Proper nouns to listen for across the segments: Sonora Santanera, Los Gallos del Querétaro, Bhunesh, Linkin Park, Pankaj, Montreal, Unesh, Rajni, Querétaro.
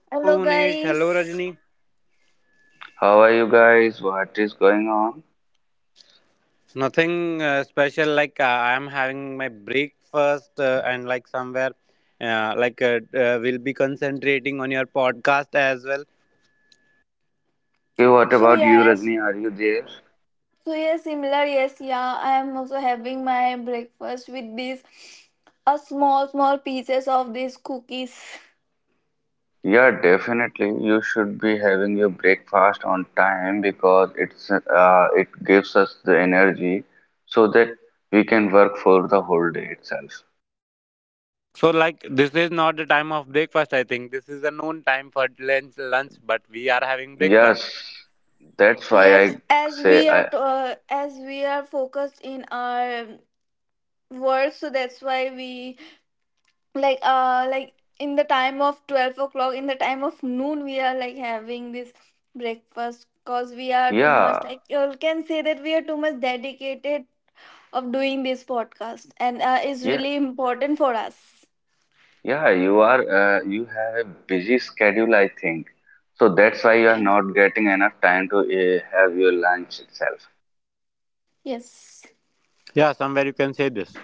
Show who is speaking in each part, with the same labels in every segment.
Speaker 1: Hello
Speaker 2: Hello
Speaker 1: Unesh, hello Rajni.
Speaker 2: guys.
Speaker 3: How are you guys? What is going on?
Speaker 1: Nothing special. I am having my breakfast and like we'll be concentrating on your podcast as well.
Speaker 3: Okay, what
Speaker 2: So
Speaker 3: about you,
Speaker 2: yes,
Speaker 3: Rajni? Are you there?
Speaker 2: similar. Yes, yeah. I am also having my breakfast with these, a small pieces of these cookies.
Speaker 3: Yeah, definitely. You should be having your breakfast on time because it's it gives us the energy so that we can work for the whole day itself.
Speaker 1: So like this is not the time of breakfast. I think this is a known time for lunch. Lunch, but we are having breakfast.
Speaker 3: Yes, that's why
Speaker 2: Yes,
Speaker 3: I
Speaker 2: as
Speaker 3: say
Speaker 2: we are
Speaker 3: I
Speaker 2: focused in our work, so that's why we like uh like in the time of 12 o'clock, in the time of noon, we are like having this breakfast because we are too
Speaker 3: yeah,
Speaker 2: much, like, you all can say that we are too much dedicated of doing this podcast, and is
Speaker 3: yeah,
Speaker 2: really important for us.
Speaker 3: Yeah, you are, you have a busy schedule, I think. So that's why you are
Speaker 2: Okay.
Speaker 3: not getting enough time to have your lunch itself.
Speaker 2: Yes.
Speaker 1: Yeah, somewhere you can say this.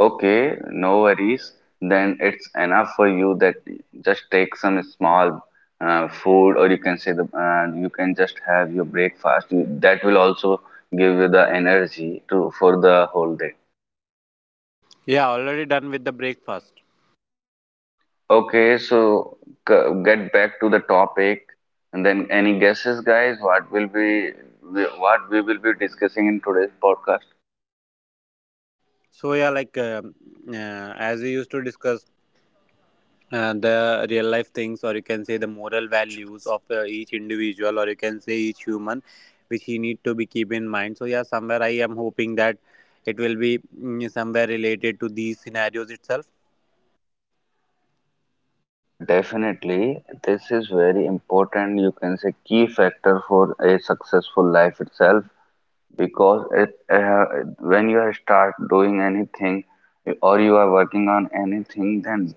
Speaker 3: Okay, no worries. Then it's enough for you that just take some small food, or you can say the you can just have your breakfast. That will also give you the energy to for the whole day.
Speaker 1: Yeah, already done with the breakfast.
Speaker 3: Okay, so get back to the topic, and then any guesses, guys? What we will be discussing in today's podcast?
Speaker 1: So yeah, as we used to discuss. The real life things, or you can say the moral values of each individual, or you can say each human, which he need to be keep in mind. So yeah, somewhere I am hoping that it will be somewhere related to these scenarios itself.
Speaker 3: Yeah, definitely. This is very important. You can say key factor for a successful life itself because it when you are start doing anything or you are working on anything, then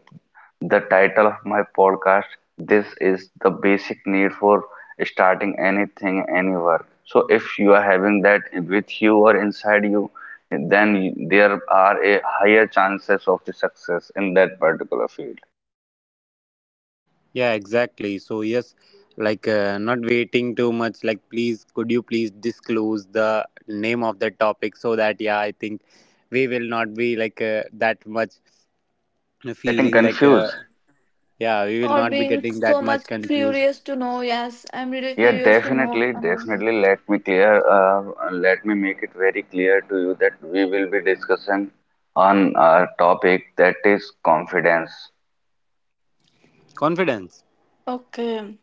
Speaker 3: the title of my podcast. This is the basic need for starting anything, any work. So, if you are having that with you or inside you, then there are a higher chances of the success in that particular field.
Speaker 1: Yeah, exactly. So yes, not waiting too much. Like, please, could you please disclose the name of the topic so that, yeah, I think we will not be that much
Speaker 3: Getting
Speaker 1: feeling
Speaker 3: confused?
Speaker 1: yeah, we will
Speaker 2: Or
Speaker 1: not be
Speaker 2: being
Speaker 1: getting that
Speaker 2: so
Speaker 1: much
Speaker 2: much
Speaker 1: confused.
Speaker 2: curious to know. Yes, I'm really
Speaker 3: Yeah,
Speaker 2: curious to know
Speaker 3: definitely,
Speaker 2: about.
Speaker 3: definitely. Let me clear. Let me make it very clear to you that we will be discussing on our topic that is confidence.
Speaker 1: Confidence.
Speaker 2: Okay.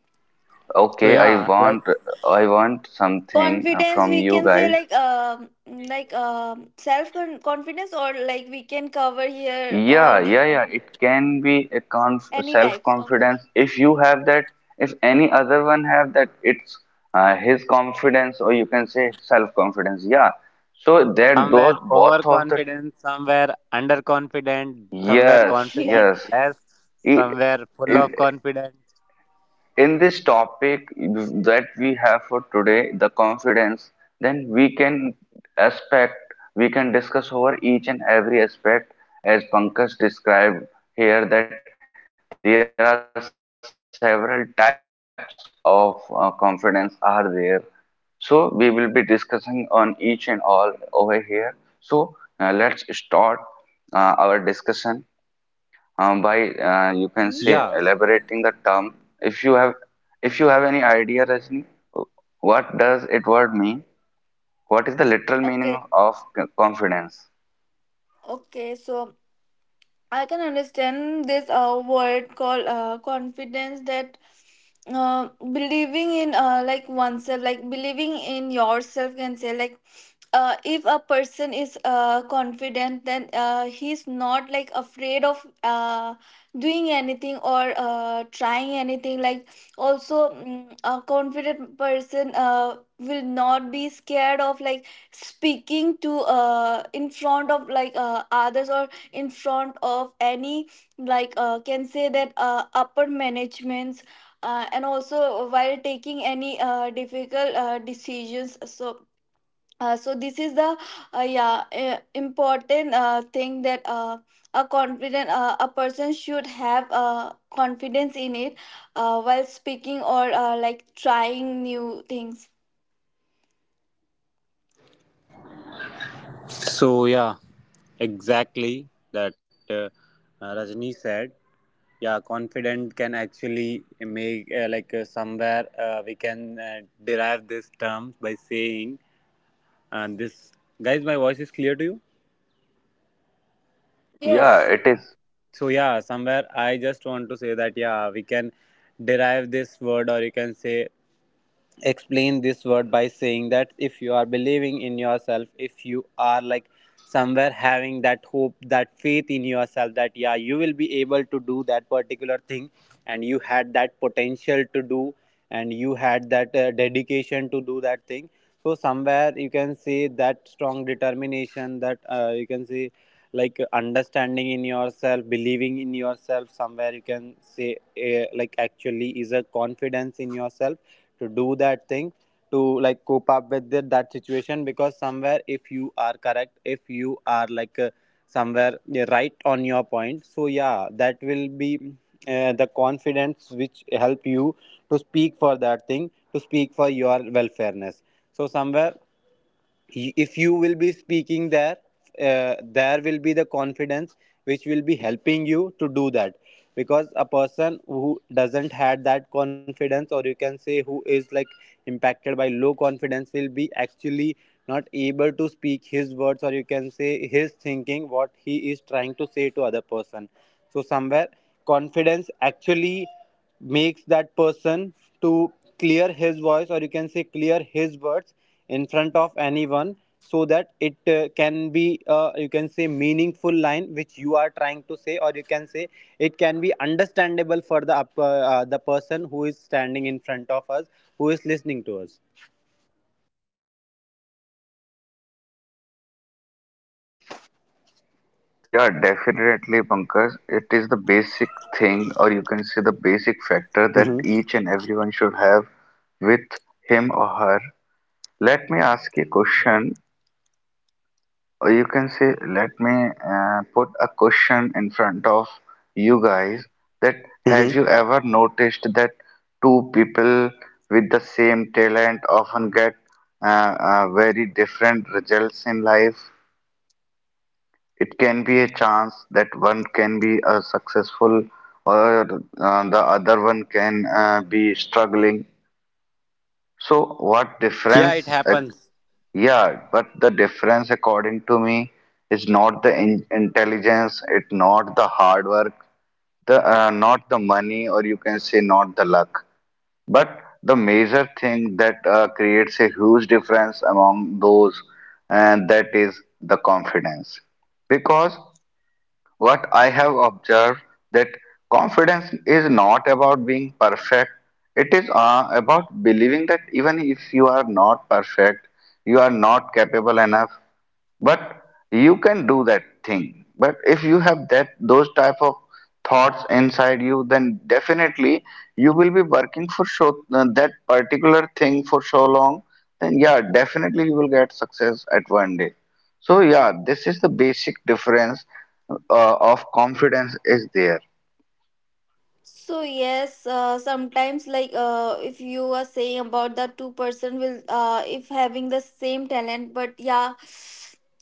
Speaker 1: So
Speaker 3: Okay, I
Speaker 1: yeah, like
Speaker 3: want something
Speaker 2: Confidence,
Speaker 3: from
Speaker 2: we
Speaker 3: you
Speaker 2: can say,
Speaker 3: guys.
Speaker 2: like confidence or like we can cover here
Speaker 3: Yeah,
Speaker 2: all the
Speaker 3: yeah, yeah. It can be a conf
Speaker 2: any types of like.
Speaker 3: self-confidence. If you have that, if any other one have that, it's his confidence, or you can say self-confidence. Yeah. So that
Speaker 1: somewhere
Speaker 3: those both of the
Speaker 1: overconfident, somewhere underconfident, somewhere
Speaker 3: yes,
Speaker 1: confident
Speaker 2: Okay.
Speaker 3: yes.
Speaker 1: less,
Speaker 3: I-
Speaker 1: somewhere full
Speaker 3: in-
Speaker 1: of confidence.
Speaker 3: in this topic that we have for today, the confidence, then we can aspect, we can discuss over each and every aspect as Pankaj described here that there are several types of confidence are there. So we will be discussing on each and all over here. So let's start our discussion by you can
Speaker 2: Mhm.
Speaker 3: say
Speaker 1: Yeah.
Speaker 3: elaborating the term. If you have if you have any idea, Rajni, what does it word mean? What is the literal
Speaker 2: okay
Speaker 3: meaning of confidence?
Speaker 2: okay, so I can understand this word called confidence, that believing in, like, oneself, like believing in yourself, can say, like, if a person is confident, then he's not, like, afraid of doing anything or trying anything. Like also, a confident person will not be scared of, like, speaking to in front of, like, others, or in front of any, like, can say that upper managements, and also while taking any difficult decisions. So, so this is the, yeah important thing that, a confident, a person should have confidence in it, while speaking or, like trying new things.
Speaker 1: So yeah, exactly that Rajni said. Yeah, confident can actually make somewhere we can derive this term by saying, and this, guys, my voice is clear to you.
Speaker 3: Yeah,
Speaker 2: Yes.
Speaker 3: it is.
Speaker 1: So yeah, somewhere I just want to say that, yeah, we can derive this word, or you can say explain this word, by saying that if you are believing in yourself, if you are like somewhere having that hope, that faith in yourself, that yeah, you will be able to do that particular thing, and you had that potential to do, and you had that dedication to do that thing. So somewhere you can see that strong determination that you can see like understanding in yourself, believing in yourself, somewhere you can say like actually is a confidence in yourself to do that thing, to like cope up with that situation. Because somewhere, if you are correct, if you are somewhere right on your point, so yeah, that will be the confidence which help you to speak for that thing, to speak for your welfareness. So somewhere, if you will be speaking there, there will be the confidence which will be helping you to do that, because a person who doesn't had that confidence, or you can say who is like impacted by low confidence, will be actually not able to speak his words, or you can say his thinking, what he is trying to say to other person. So somewhere, confidence actually makes that person to clear his voice, or you can say clear his words, in front of anyone, so that it can be you can say meaningful line which you are trying to say, or you can say it can be understandable for the person who is standing in front of us, who is listening to us.
Speaker 3: Yeah, definitely, Pankaj. It is the basic thing, or you can say the basic factor that
Speaker 1: Hmm.
Speaker 3: each and everyone should have with him or her. Let me ask you a question. Or you can say, let me put a question in front of you guys that have
Speaker 1: Hmm.
Speaker 3: you ever noticed that two people with the same talent often get very different results in life? It can be a chance that one can be successful or the other one can be struggling. So, what
Speaker 1: Yeah, it
Speaker 3: difference
Speaker 1: happens.
Speaker 3: yeah, but the difference, according to me, is not the in intelligence, it not the hard work, the not the money, or you can say not the luck. But the major thing that creates a huge difference among those, and that is the confidence. Because what I have observed that confidence is not about being perfect. It is about believing that even if you are not perfect, you are not capable enough but you can do that thing but if you have that those type of thoughts inside you then definitely you will be working for so that particular thing for so long then yeah definitely you will get success at one day so yeah this is the basic difference of confidence is there.
Speaker 2: So yes, sometimes, like, if you are saying about the two-person will, if having the same talent, but yeah,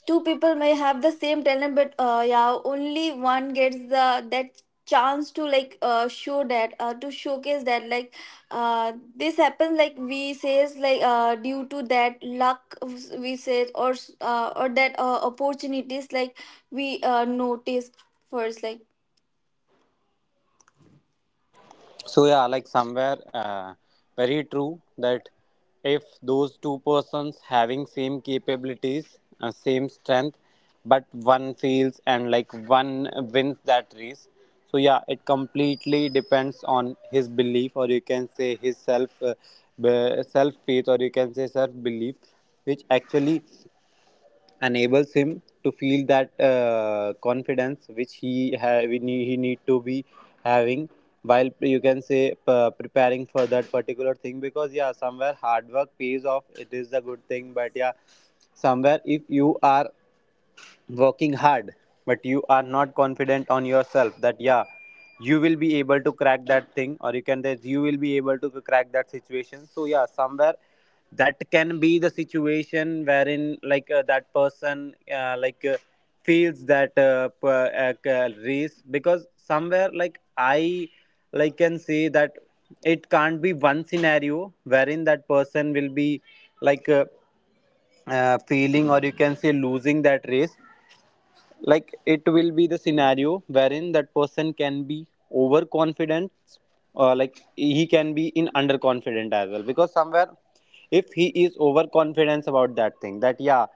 Speaker 2: two people may have the same talent, but yeah, only one gets the that chance to, like, show that, to showcase that. Like, this happens, like, we says like, due to that luck we said, or or that opportunities, like we noticed first like.
Speaker 1: So yeah, like somewhere very true that if those two persons having same capabilities, same strength, but one fails and like one wins that race. So yeah, it completely depends on his belief, or you can say his self faith, or you can say self belief, which actually enables him to feel that confidence which we need, he need to be having while you can say preparing for that particular thing. Because yeah, somewhere hard work pays off, it is a good thing, but yeah, somewhere if you are working hard but you are not confident on yourself that yeah, you will be able to crack that thing, or you can that you will be able to crack that situation. So yeah, somewhere that can be the situation wherein that person feels that race. Because somewhere, like I like can say that it can't be one scenario wherein that person will be like uh, feeling, or you can say losing that race. Like it will be the scenario wherein that person can be overconfident, like he can be in underconfident as well. Because somewhere, if he is overconfident about that thing that yeah,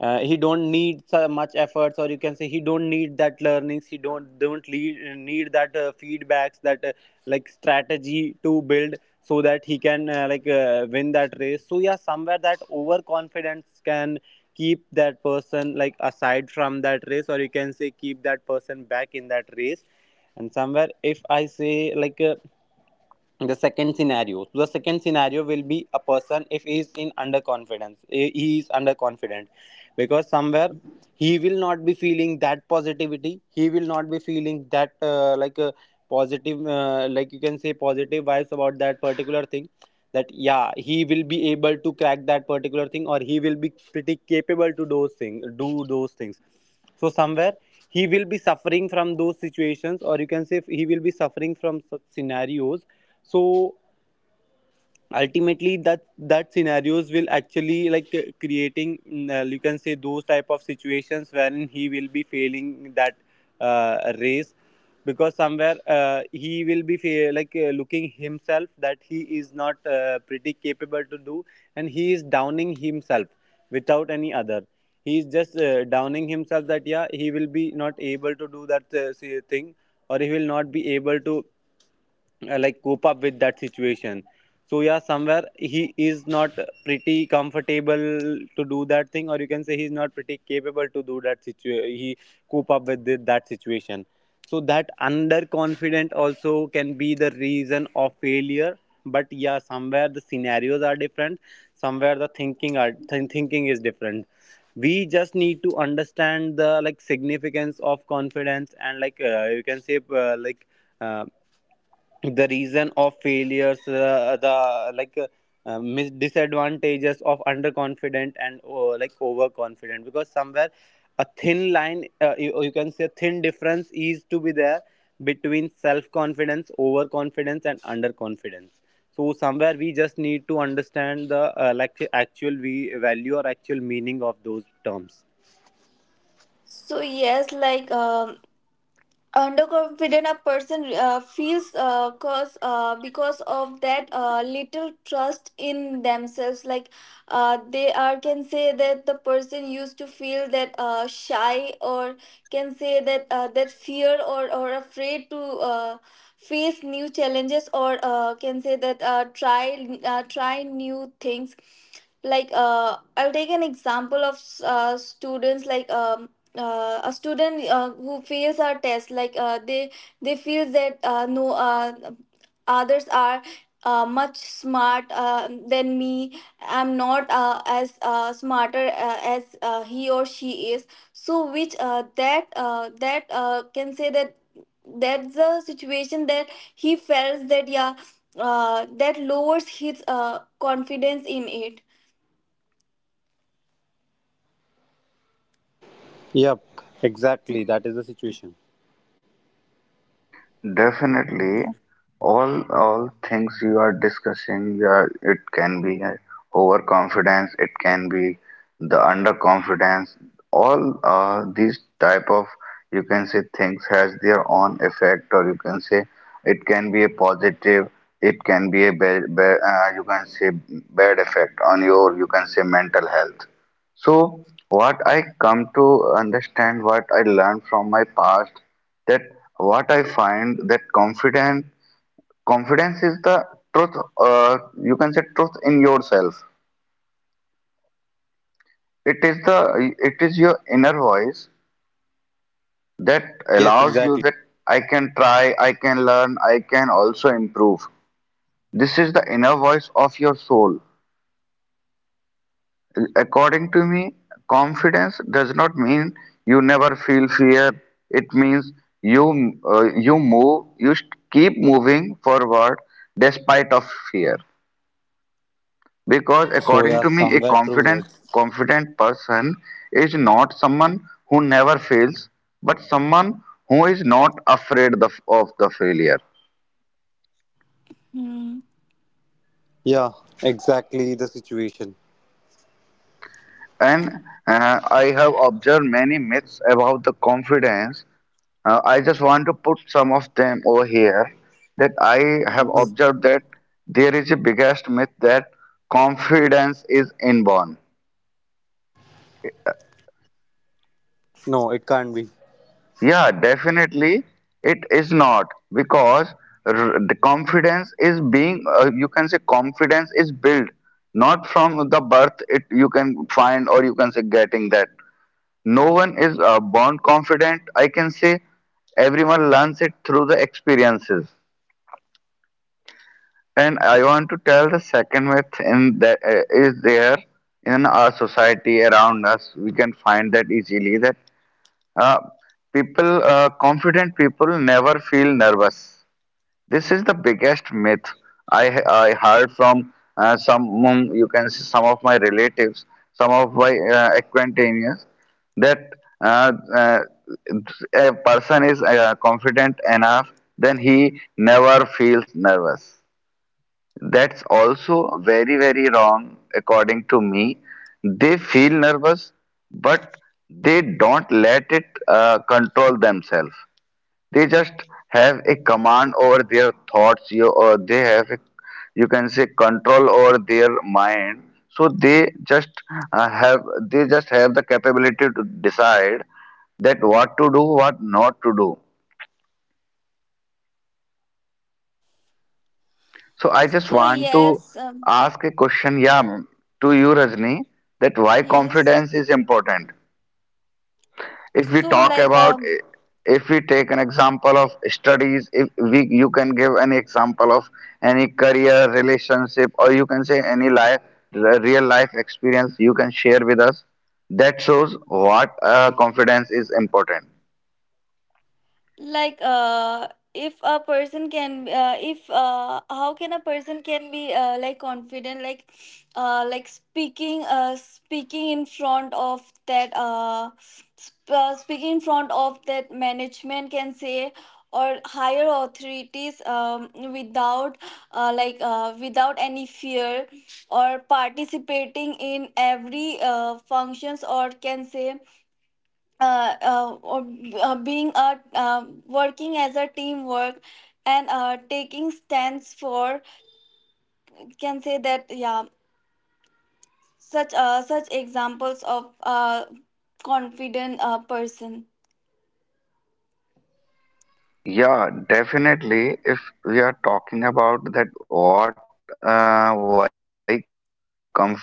Speaker 1: he don't need so much efforts, or you can say he don't need that learnings, he don't lead, need that feedbacks, that like strategy to build so that he can win that race. So yeah, somewhere that overconfidence can keep that person like aside from that race, or you can say keep that person back in that race. And somewhere, if I say the second scenario, so the second scenario will be a person, if he is in underconfidence, eh, he is underconfident, because somewhere he will not be feeling that positivity, he will not be feeling that like a positive like you can say positive vibes about that particular thing, that yeah, he will be able to crack that particular thing, or he will be pretty capable to those things, do those things. So somewhere he will be suffering from those situations, or you can say he will be suffering from such scenarios. So ultimately, that scenarios will actually creating you can say those type of situations wherein he will be failing that race, because somewhere he will be looking himself that he is not pretty capable to do, and he is downing himself without any other. He is just downing himself that yeah, he will be not able to do that thing, or he will not be able to like cope up with that situation. So yeah, somewhere he is not pretty comfortable to do that thing, or you can say he's not pretty capable to do that he cope up with that situation. So that underconfident also can be the reason of failure. But yeah, somewhere the scenarios are different, somewhere the thinking is different. We just need to understand the like significance of confidence, and you can say uh, the reason of failures, the disadvantages of underconfident and like overconfident. Because somewhere a thin line, you can say a thin difference is to be there between self confidence, overconfidence and underconfidence. So somewhere we just need to understand the like actual we value, or actual meaning of those terms.
Speaker 2: So yes, underconfident a person feels, cause because of that little trust in themselves, like, they are, can say that the person used to feel that shy, or can say that that fear, or afraid to uh, face new challenges, or can say that try new things. Like, I'll take an example of students. Like, a student who fails a test, like, they feel that, no, others are much smart than me. I'm not, as smarter as he or she is. So which that that can say that that's the situation that he feels that yeah, that lowers his confidence in it.
Speaker 1: Yep, exactly, that is the situation.
Speaker 3: Definitely, all things you are discussing, yeah, it can be overconfidence, it can be the underconfidence. All these type of you can say things has their own effect, or you can say it can be a positive, it can be a bad, bad you can say bad effect on your you can say mental health. So, what I come to understand, what I learned from my past that what I find that confidence is the truth you can say truth in yourself it is your inner voice that
Speaker 1: Yes,
Speaker 3: allows you that
Speaker 1: exactly.
Speaker 3: I can try I can learn I can also improve this is the inner voice of your soul according to me confidence does not mean you never feel fear it means you you move you keep moving forward despite of fear because
Speaker 1: So
Speaker 3: according
Speaker 1: yeah,
Speaker 3: to me a
Speaker 1: somewhere true
Speaker 3: confident
Speaker 1: words.
Speaker 3: confident person is not someone who never fails but someone who is not afraid of the failure.
Speaker 2: Hmm.
Speaker 1: Yeah, exactly the situation.
Speaker 3: And I have observed many myths about the confidence. I just want to put some of them over here that I have
Speaker 2: Yes.
Speaker 1: Mhm.
Speaker 3: observed that there is a biggest myth that confidence is inborn.
Speaker 1: No, it can't be.
Speaker 3: Yeah, definitely it is not because the confidence is being you can say confidence is built not from the birth it you can find or you can say getting that no one is born confident, I can say everyone learns it through the experiences. And I want to tell the second myth in that is there in our society around us we can find that easily that uh, people confident people never feel nervous. This is the biggest myth i I heard from some you can see some of my relatives some of my acquaintances that uh, uh, a person is confident enough then he never feels nervous. That's also very, very wrong, according to me. They feel nervous, but they don't let it control themselves. They just have a command over their thoughts, you, or they have, a, you can say, control over their mind. So they just have, they just have the capability to decide that what to do, what not to do. So I just
Speaker 2: so
Speaker 3: want to
Speaker 2: yes
Speaker 3: ask a question, yeah, to you, Rajni, that why
Speaker 2: yes
Speaker 3: confidence is important. If we
Speaker 2: so
Speaker 3: talk about, if we take an example of studies, if we you can give an example of any career, relationship, or you can say any life, real life experience you can share with us. That shows what confidence is important.
Speaker 2: like If a person can, if, how can a person can be, like, confident, speaking, speaking in front of that, speaking in front of that management, can say, or higher authorities, without, without any fear, or participating in every functions, or can say, uh, uh, or, being a, working as a teamwork, and taking stands for, can say that yeah, such such examples of confident person.
Speaker 3: Yeah, definitely. If we are talking about that, what, why confidence is important, yeah.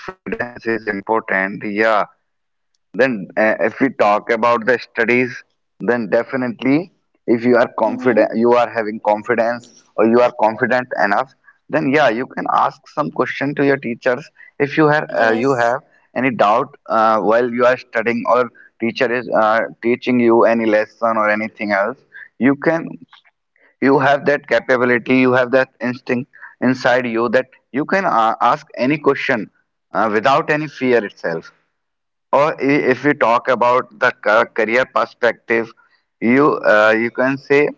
Speaker 3: Then, if we talk about the studies, then definitely, if you are confident, you are having confidence,
Speaker 2: Hmm.
Speaker 3: or you are confident enough, then yeah, you can ask some question to your teachers if you have you have any doubt
Speaker 2: Yes.
Speaker 3: while you are studying or teacher is teaching you any lesson or anything else. You can you have that capability, you have that instinct inside you that you can ask any question without any fear itself. Or if we talk about the career perspective, you you can say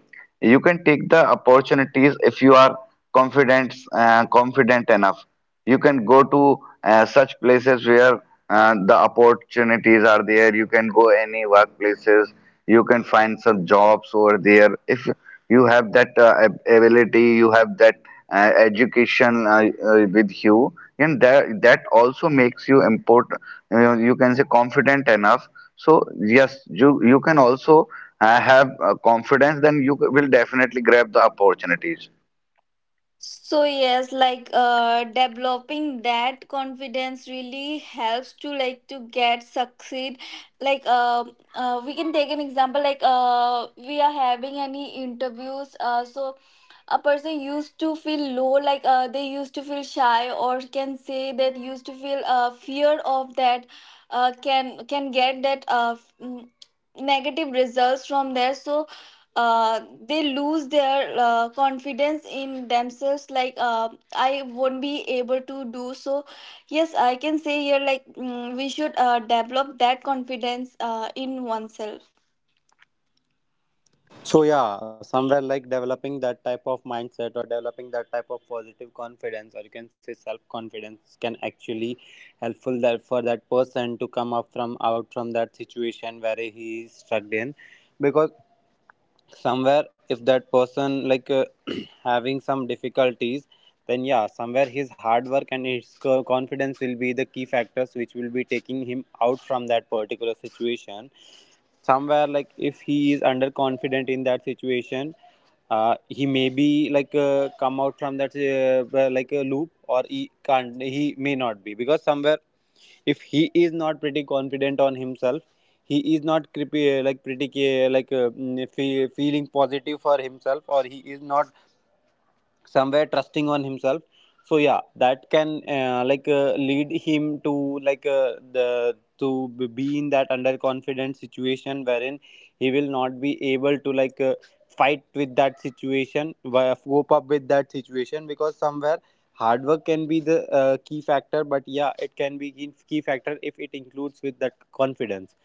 Speaker 3: you can take the opportunities if you are confident enough. You can go to such places where the opportunities are there. You can go any workplaces. You can find some jobs over there. If you have that ability, you have that education with you, and that that also makes you important you you can say confident enough so yes you you can also have confidence then you will definitely grab the opportunities.
Speaker 2: So yes, like, developing that confidence really helps to, like, to get succeed. Like, we can take an example, like, we are having any interviews, so a person used to feel low. Like, they used to feel shy, or can say that used to feel fear of that, can get that negative results from there. So, uh, they lose their confidence in themselves. Like, I won't be able to do so. Yes, I can say here, like, we should develop that confidence in oneself.
Speaker 1: So yeah, somewhere like developing that type of mindset, or developing that type of positive confidence, or you can say self confidence, can actually helpful that for that person to come up from out from that situation where he is stuck in. Because somewhere, if that person having some difficulties, then yeah, somewhere his hard work and his confidence will be the key factors which will be taking him out from that particular situation. Somewhere, like if he is underconfident in that situation, he may be come out from that like a loop, or he can't, he may not be, because somewhere if he is not pretty confident on himself, he is not creepy, like pretty feeling positive for himself, or he is not somewhere trusting on himself. So yeah, that can lead him to be in that underconfident situation wherein he will not be able to fight with that situation, cope up with that situation. Because somewhere hard work can be the key factor, but yeah, it can be key factor if it includes with that confidence.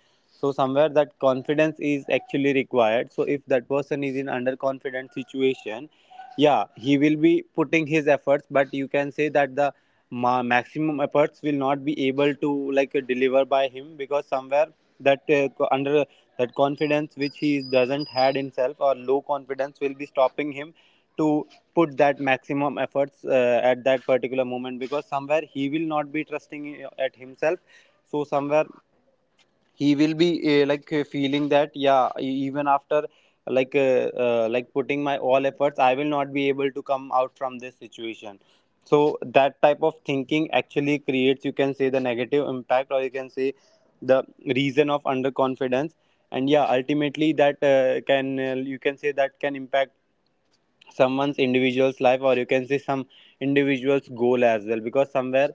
Speaker 1: So somewhere that confidence is actually required. So if that person is in underconfident situation, yeah, he will be putting his efforts, but you can say that the maximum efforts will not be able to deliver by him, because somewhere that co- under that confidence which he doesn't had himself, or low confidence, will be stopping him to put that maximum efforts at that particular moment, because somewhere he will not be trusting at himself. So somewhere he will be feeling that yeah, even after like putting my all efforts, I will not be able to come out from this situation. So that type of thinking actually creates, you can say, the negative impact, or you can say the reason of underconfidence. And yeah, ultimately that can you can say that can impact someone's individual's life, or you can see some individual's goal as well, because somewhere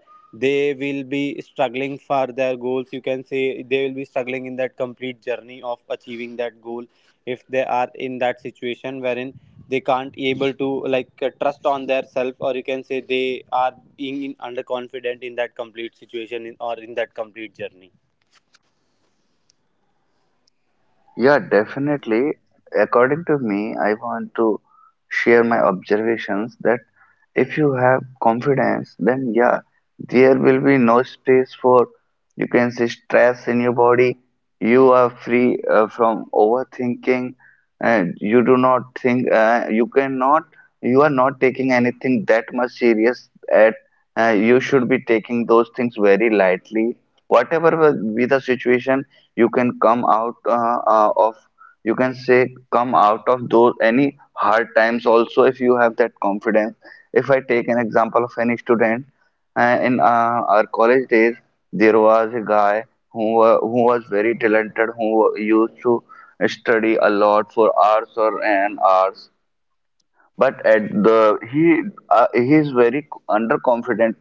Speaker 1: they will be struggling for their goals. You can say they will be struggling in that complete journey of achieving that goal if they are in that situation wherein they can't able to trust on their self, or you can say they are being underconfident in that complete situation or in that complete journey.
Speaker 3: Yeah, definitely. According to me, I want to share my observations that if you have confidence, then yeah, there will be no space for you can say stress in your body. You are free from overthinking, and you do not think you cannot. You are not taking anything that much serious. At you should be taking those things very lightly. Whatever will be the situation, you can come out of you can say come out of those any hard times also if you have that confidence. If I take an example of any student in our college days there was a guy who was very talented who used to study a lot for hours or and hours but at the he he is very underconfident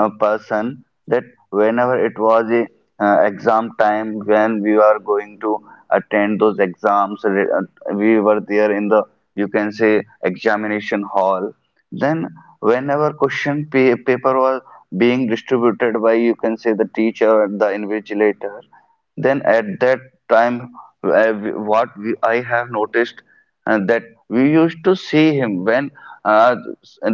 Speaker 3: person that whenever it was a exam time when we are going to attend those exams we were there in the you can say examination hall then whenever question paper was being distributed by you can say the teacher and the invigilator then at that time what we, I have noticed that we used to see him when uh,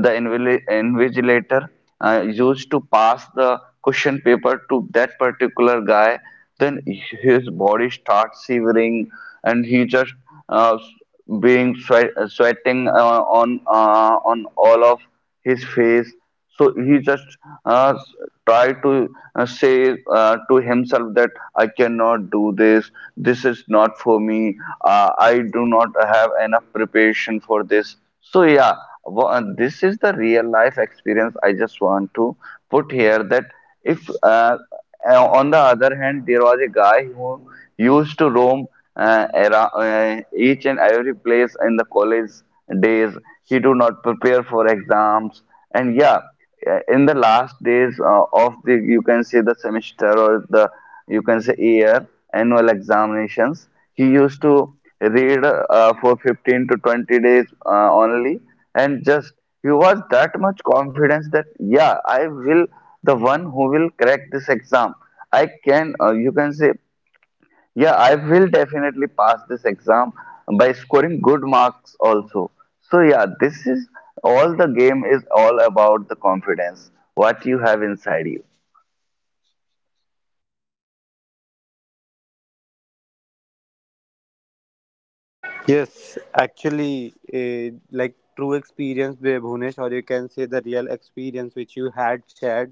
Speaker 3: the invigilator used to pass the question paper to that particular guy then his body starts shivering and he just uh, being sweat, sweating on all of his face so he just uh, s- to say to himself that I cannot do this. This is not for me. I do not have enough preparation for this. So yeah, this is the real life experience. I just want to put here that if on the other hand there was a guy who used to roam around, each and every place in the college days. He do not prepare for exams and yeah in the last days of the you can say the semester or the you can say year annual examinations he used to read for 15 to 20 days only and just he was that much confidence that yeah I will the one who will crack this exam I can you can say yeah, I will definitely pass this exam by scoring good marks also. So yeah, this is all the game is all about the confidence, what you have inside you.
Speaker 1: Yes, actually, like true experience by Bhunesh, or you can say the real experience which you had shared,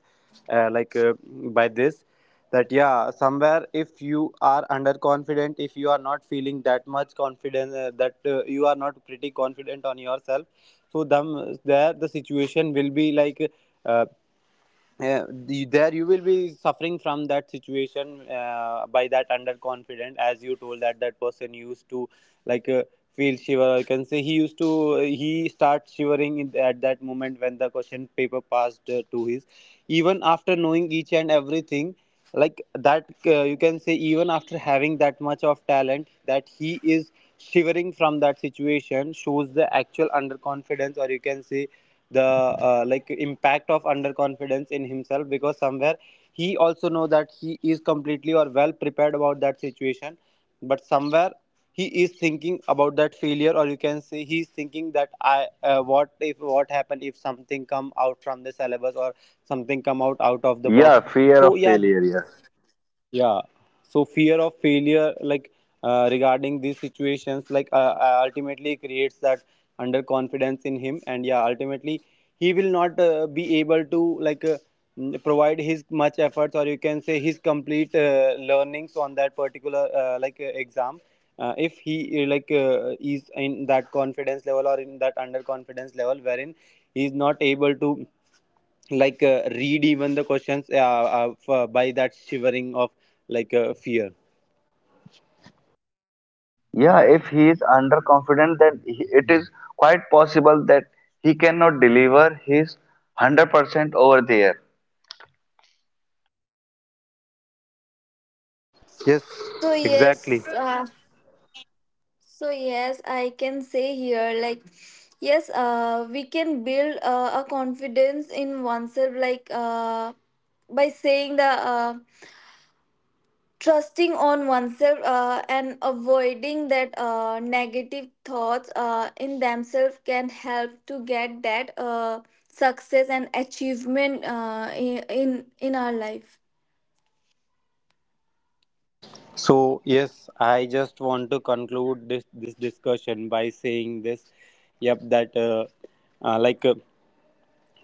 Speaker 1: by this, that yeah, somewhere if you are underconfident, if you are not feeling that much confident, that you are not pretty confident on yourself, so them there the situation will be like. Uh, there you will be suffering from that situation by that underconfident, as you told that that person used to like uh, feel shiver. I can say he used to he starts shivering at that moment when the question paper passed to his, even after knowing each and everything, like that, you can say even after having that much of talent, that he is shivering from that situation shows the actual underconfidence, or you can say the like impact of underconfidence in himself, because somewhere he also know that he is completely or well prepared about that situation, but somewhere he is thinking about that failure, or you can say he is thinking that I what if, what happen if something come out from the syllabus or something come out of the
Speaker 3: Yeah,
Speaker 1: box.
Speaker 3: fear
Speaker 1: So
Speaker 3: of
Speaker 1: yeah.
Speaker 3: failure. Yeah.
Speaker 1: Yeah. So fear of failure, like regarding these situations, ultimately creates that underconfidence in him, and yeah, ultimately he will not be able to provide his much efforts, or you can say his complete learnings on that particular exam. If he is in that confidence level or in that underconfidence level, wherein he is not able to read even the questions, by that shivering of fear.
Speaker 3: Yeah, if he is underconfident, then he, it is quite possible that he cannot deliver his 100% over there.
Speaker 1: Yes,
Speaker 2: so
Speaker 1: exactly.
Speaker 2: yes uh, So yes, I can say here, like, yes, we can build a confidence in oneself, like, by saying the, uh, trusting on oneself, and avoiding that negative thoughts in themselves can help to get that success and achievement in our life.
Speaker 1: So yes, I just want to conclude this discussion by saying this. Yep, that uh, like uh,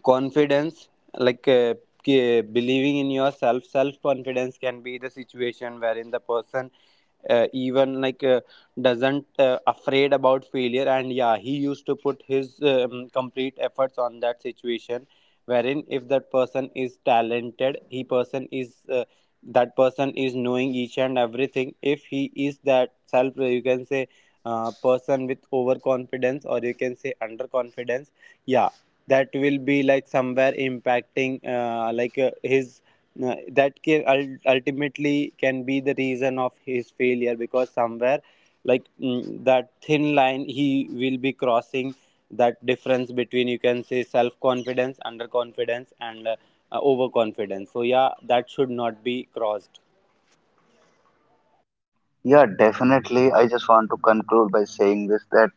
Speaker 1: confidence, like uh, believing in yourself, self confidence can be the situation wherein the person even like doesn't afraid about failure, and yeah, he used to put his complete efforts on that situation wherein if that person is talented, he person is that person is knowing each and everything. If he is that self, you can say person with overconfidence or you can say underconfidence, yeah, that will be like somewhere impacting his, that can ultimately can be the reason of his failure, because somewhere, that thin line he will be crossing, that difference between, you can say, self confidence, underconfidence, and overconfidence. So yeah, that should not be crossed.
Speaker 3: Yeah, definitely. I just want to conclude by saying this that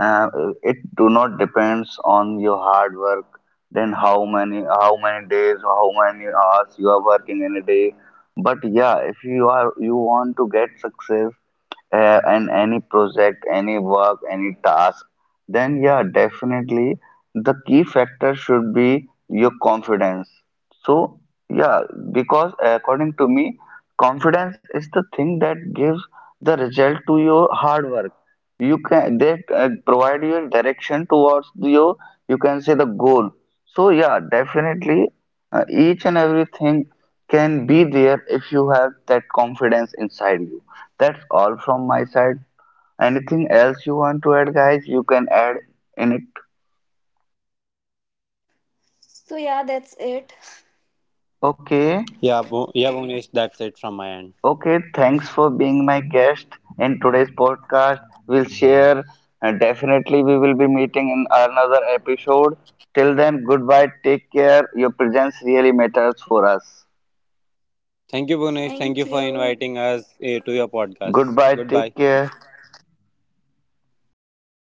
Speaker 3: uh, it do not depends on your hard work, then how many days or how many hours you are working in a day. But yeah, if you are you want to get success in any project, any work, any task, then yeah, definitely the key factor should be your confidence. So yeah, because according to me confidence is the thing that gives the result to your hard work you can they provide your direction towards your you can say the goal so yeah definitely each and everything can be there if you have that confidence inside you. That's all from my side. Anything else you want to add guys you can add in it.
Speaker 2: So yeah, that's it.
Speaker 3: Okay.
Speaker 1: Yeah, Bhunesh, that's it from my end.
Speaker 3: Okay, thanks for being my guest in today's podcast. We'll share, definitely, we will be meeting in another episode. Till then, goodbye, take care. Your presence really matters for us.
Speaker 1: Thank you, Bhunesh.
Speaker 2: Thank
Speaker 1: Thank you for
Speaker 2: you.
Speaker 1: inviting us to your podcast.
Speaker 3: Goodbye,
Speaker 1: Goodbye.
Speaker 3: take care.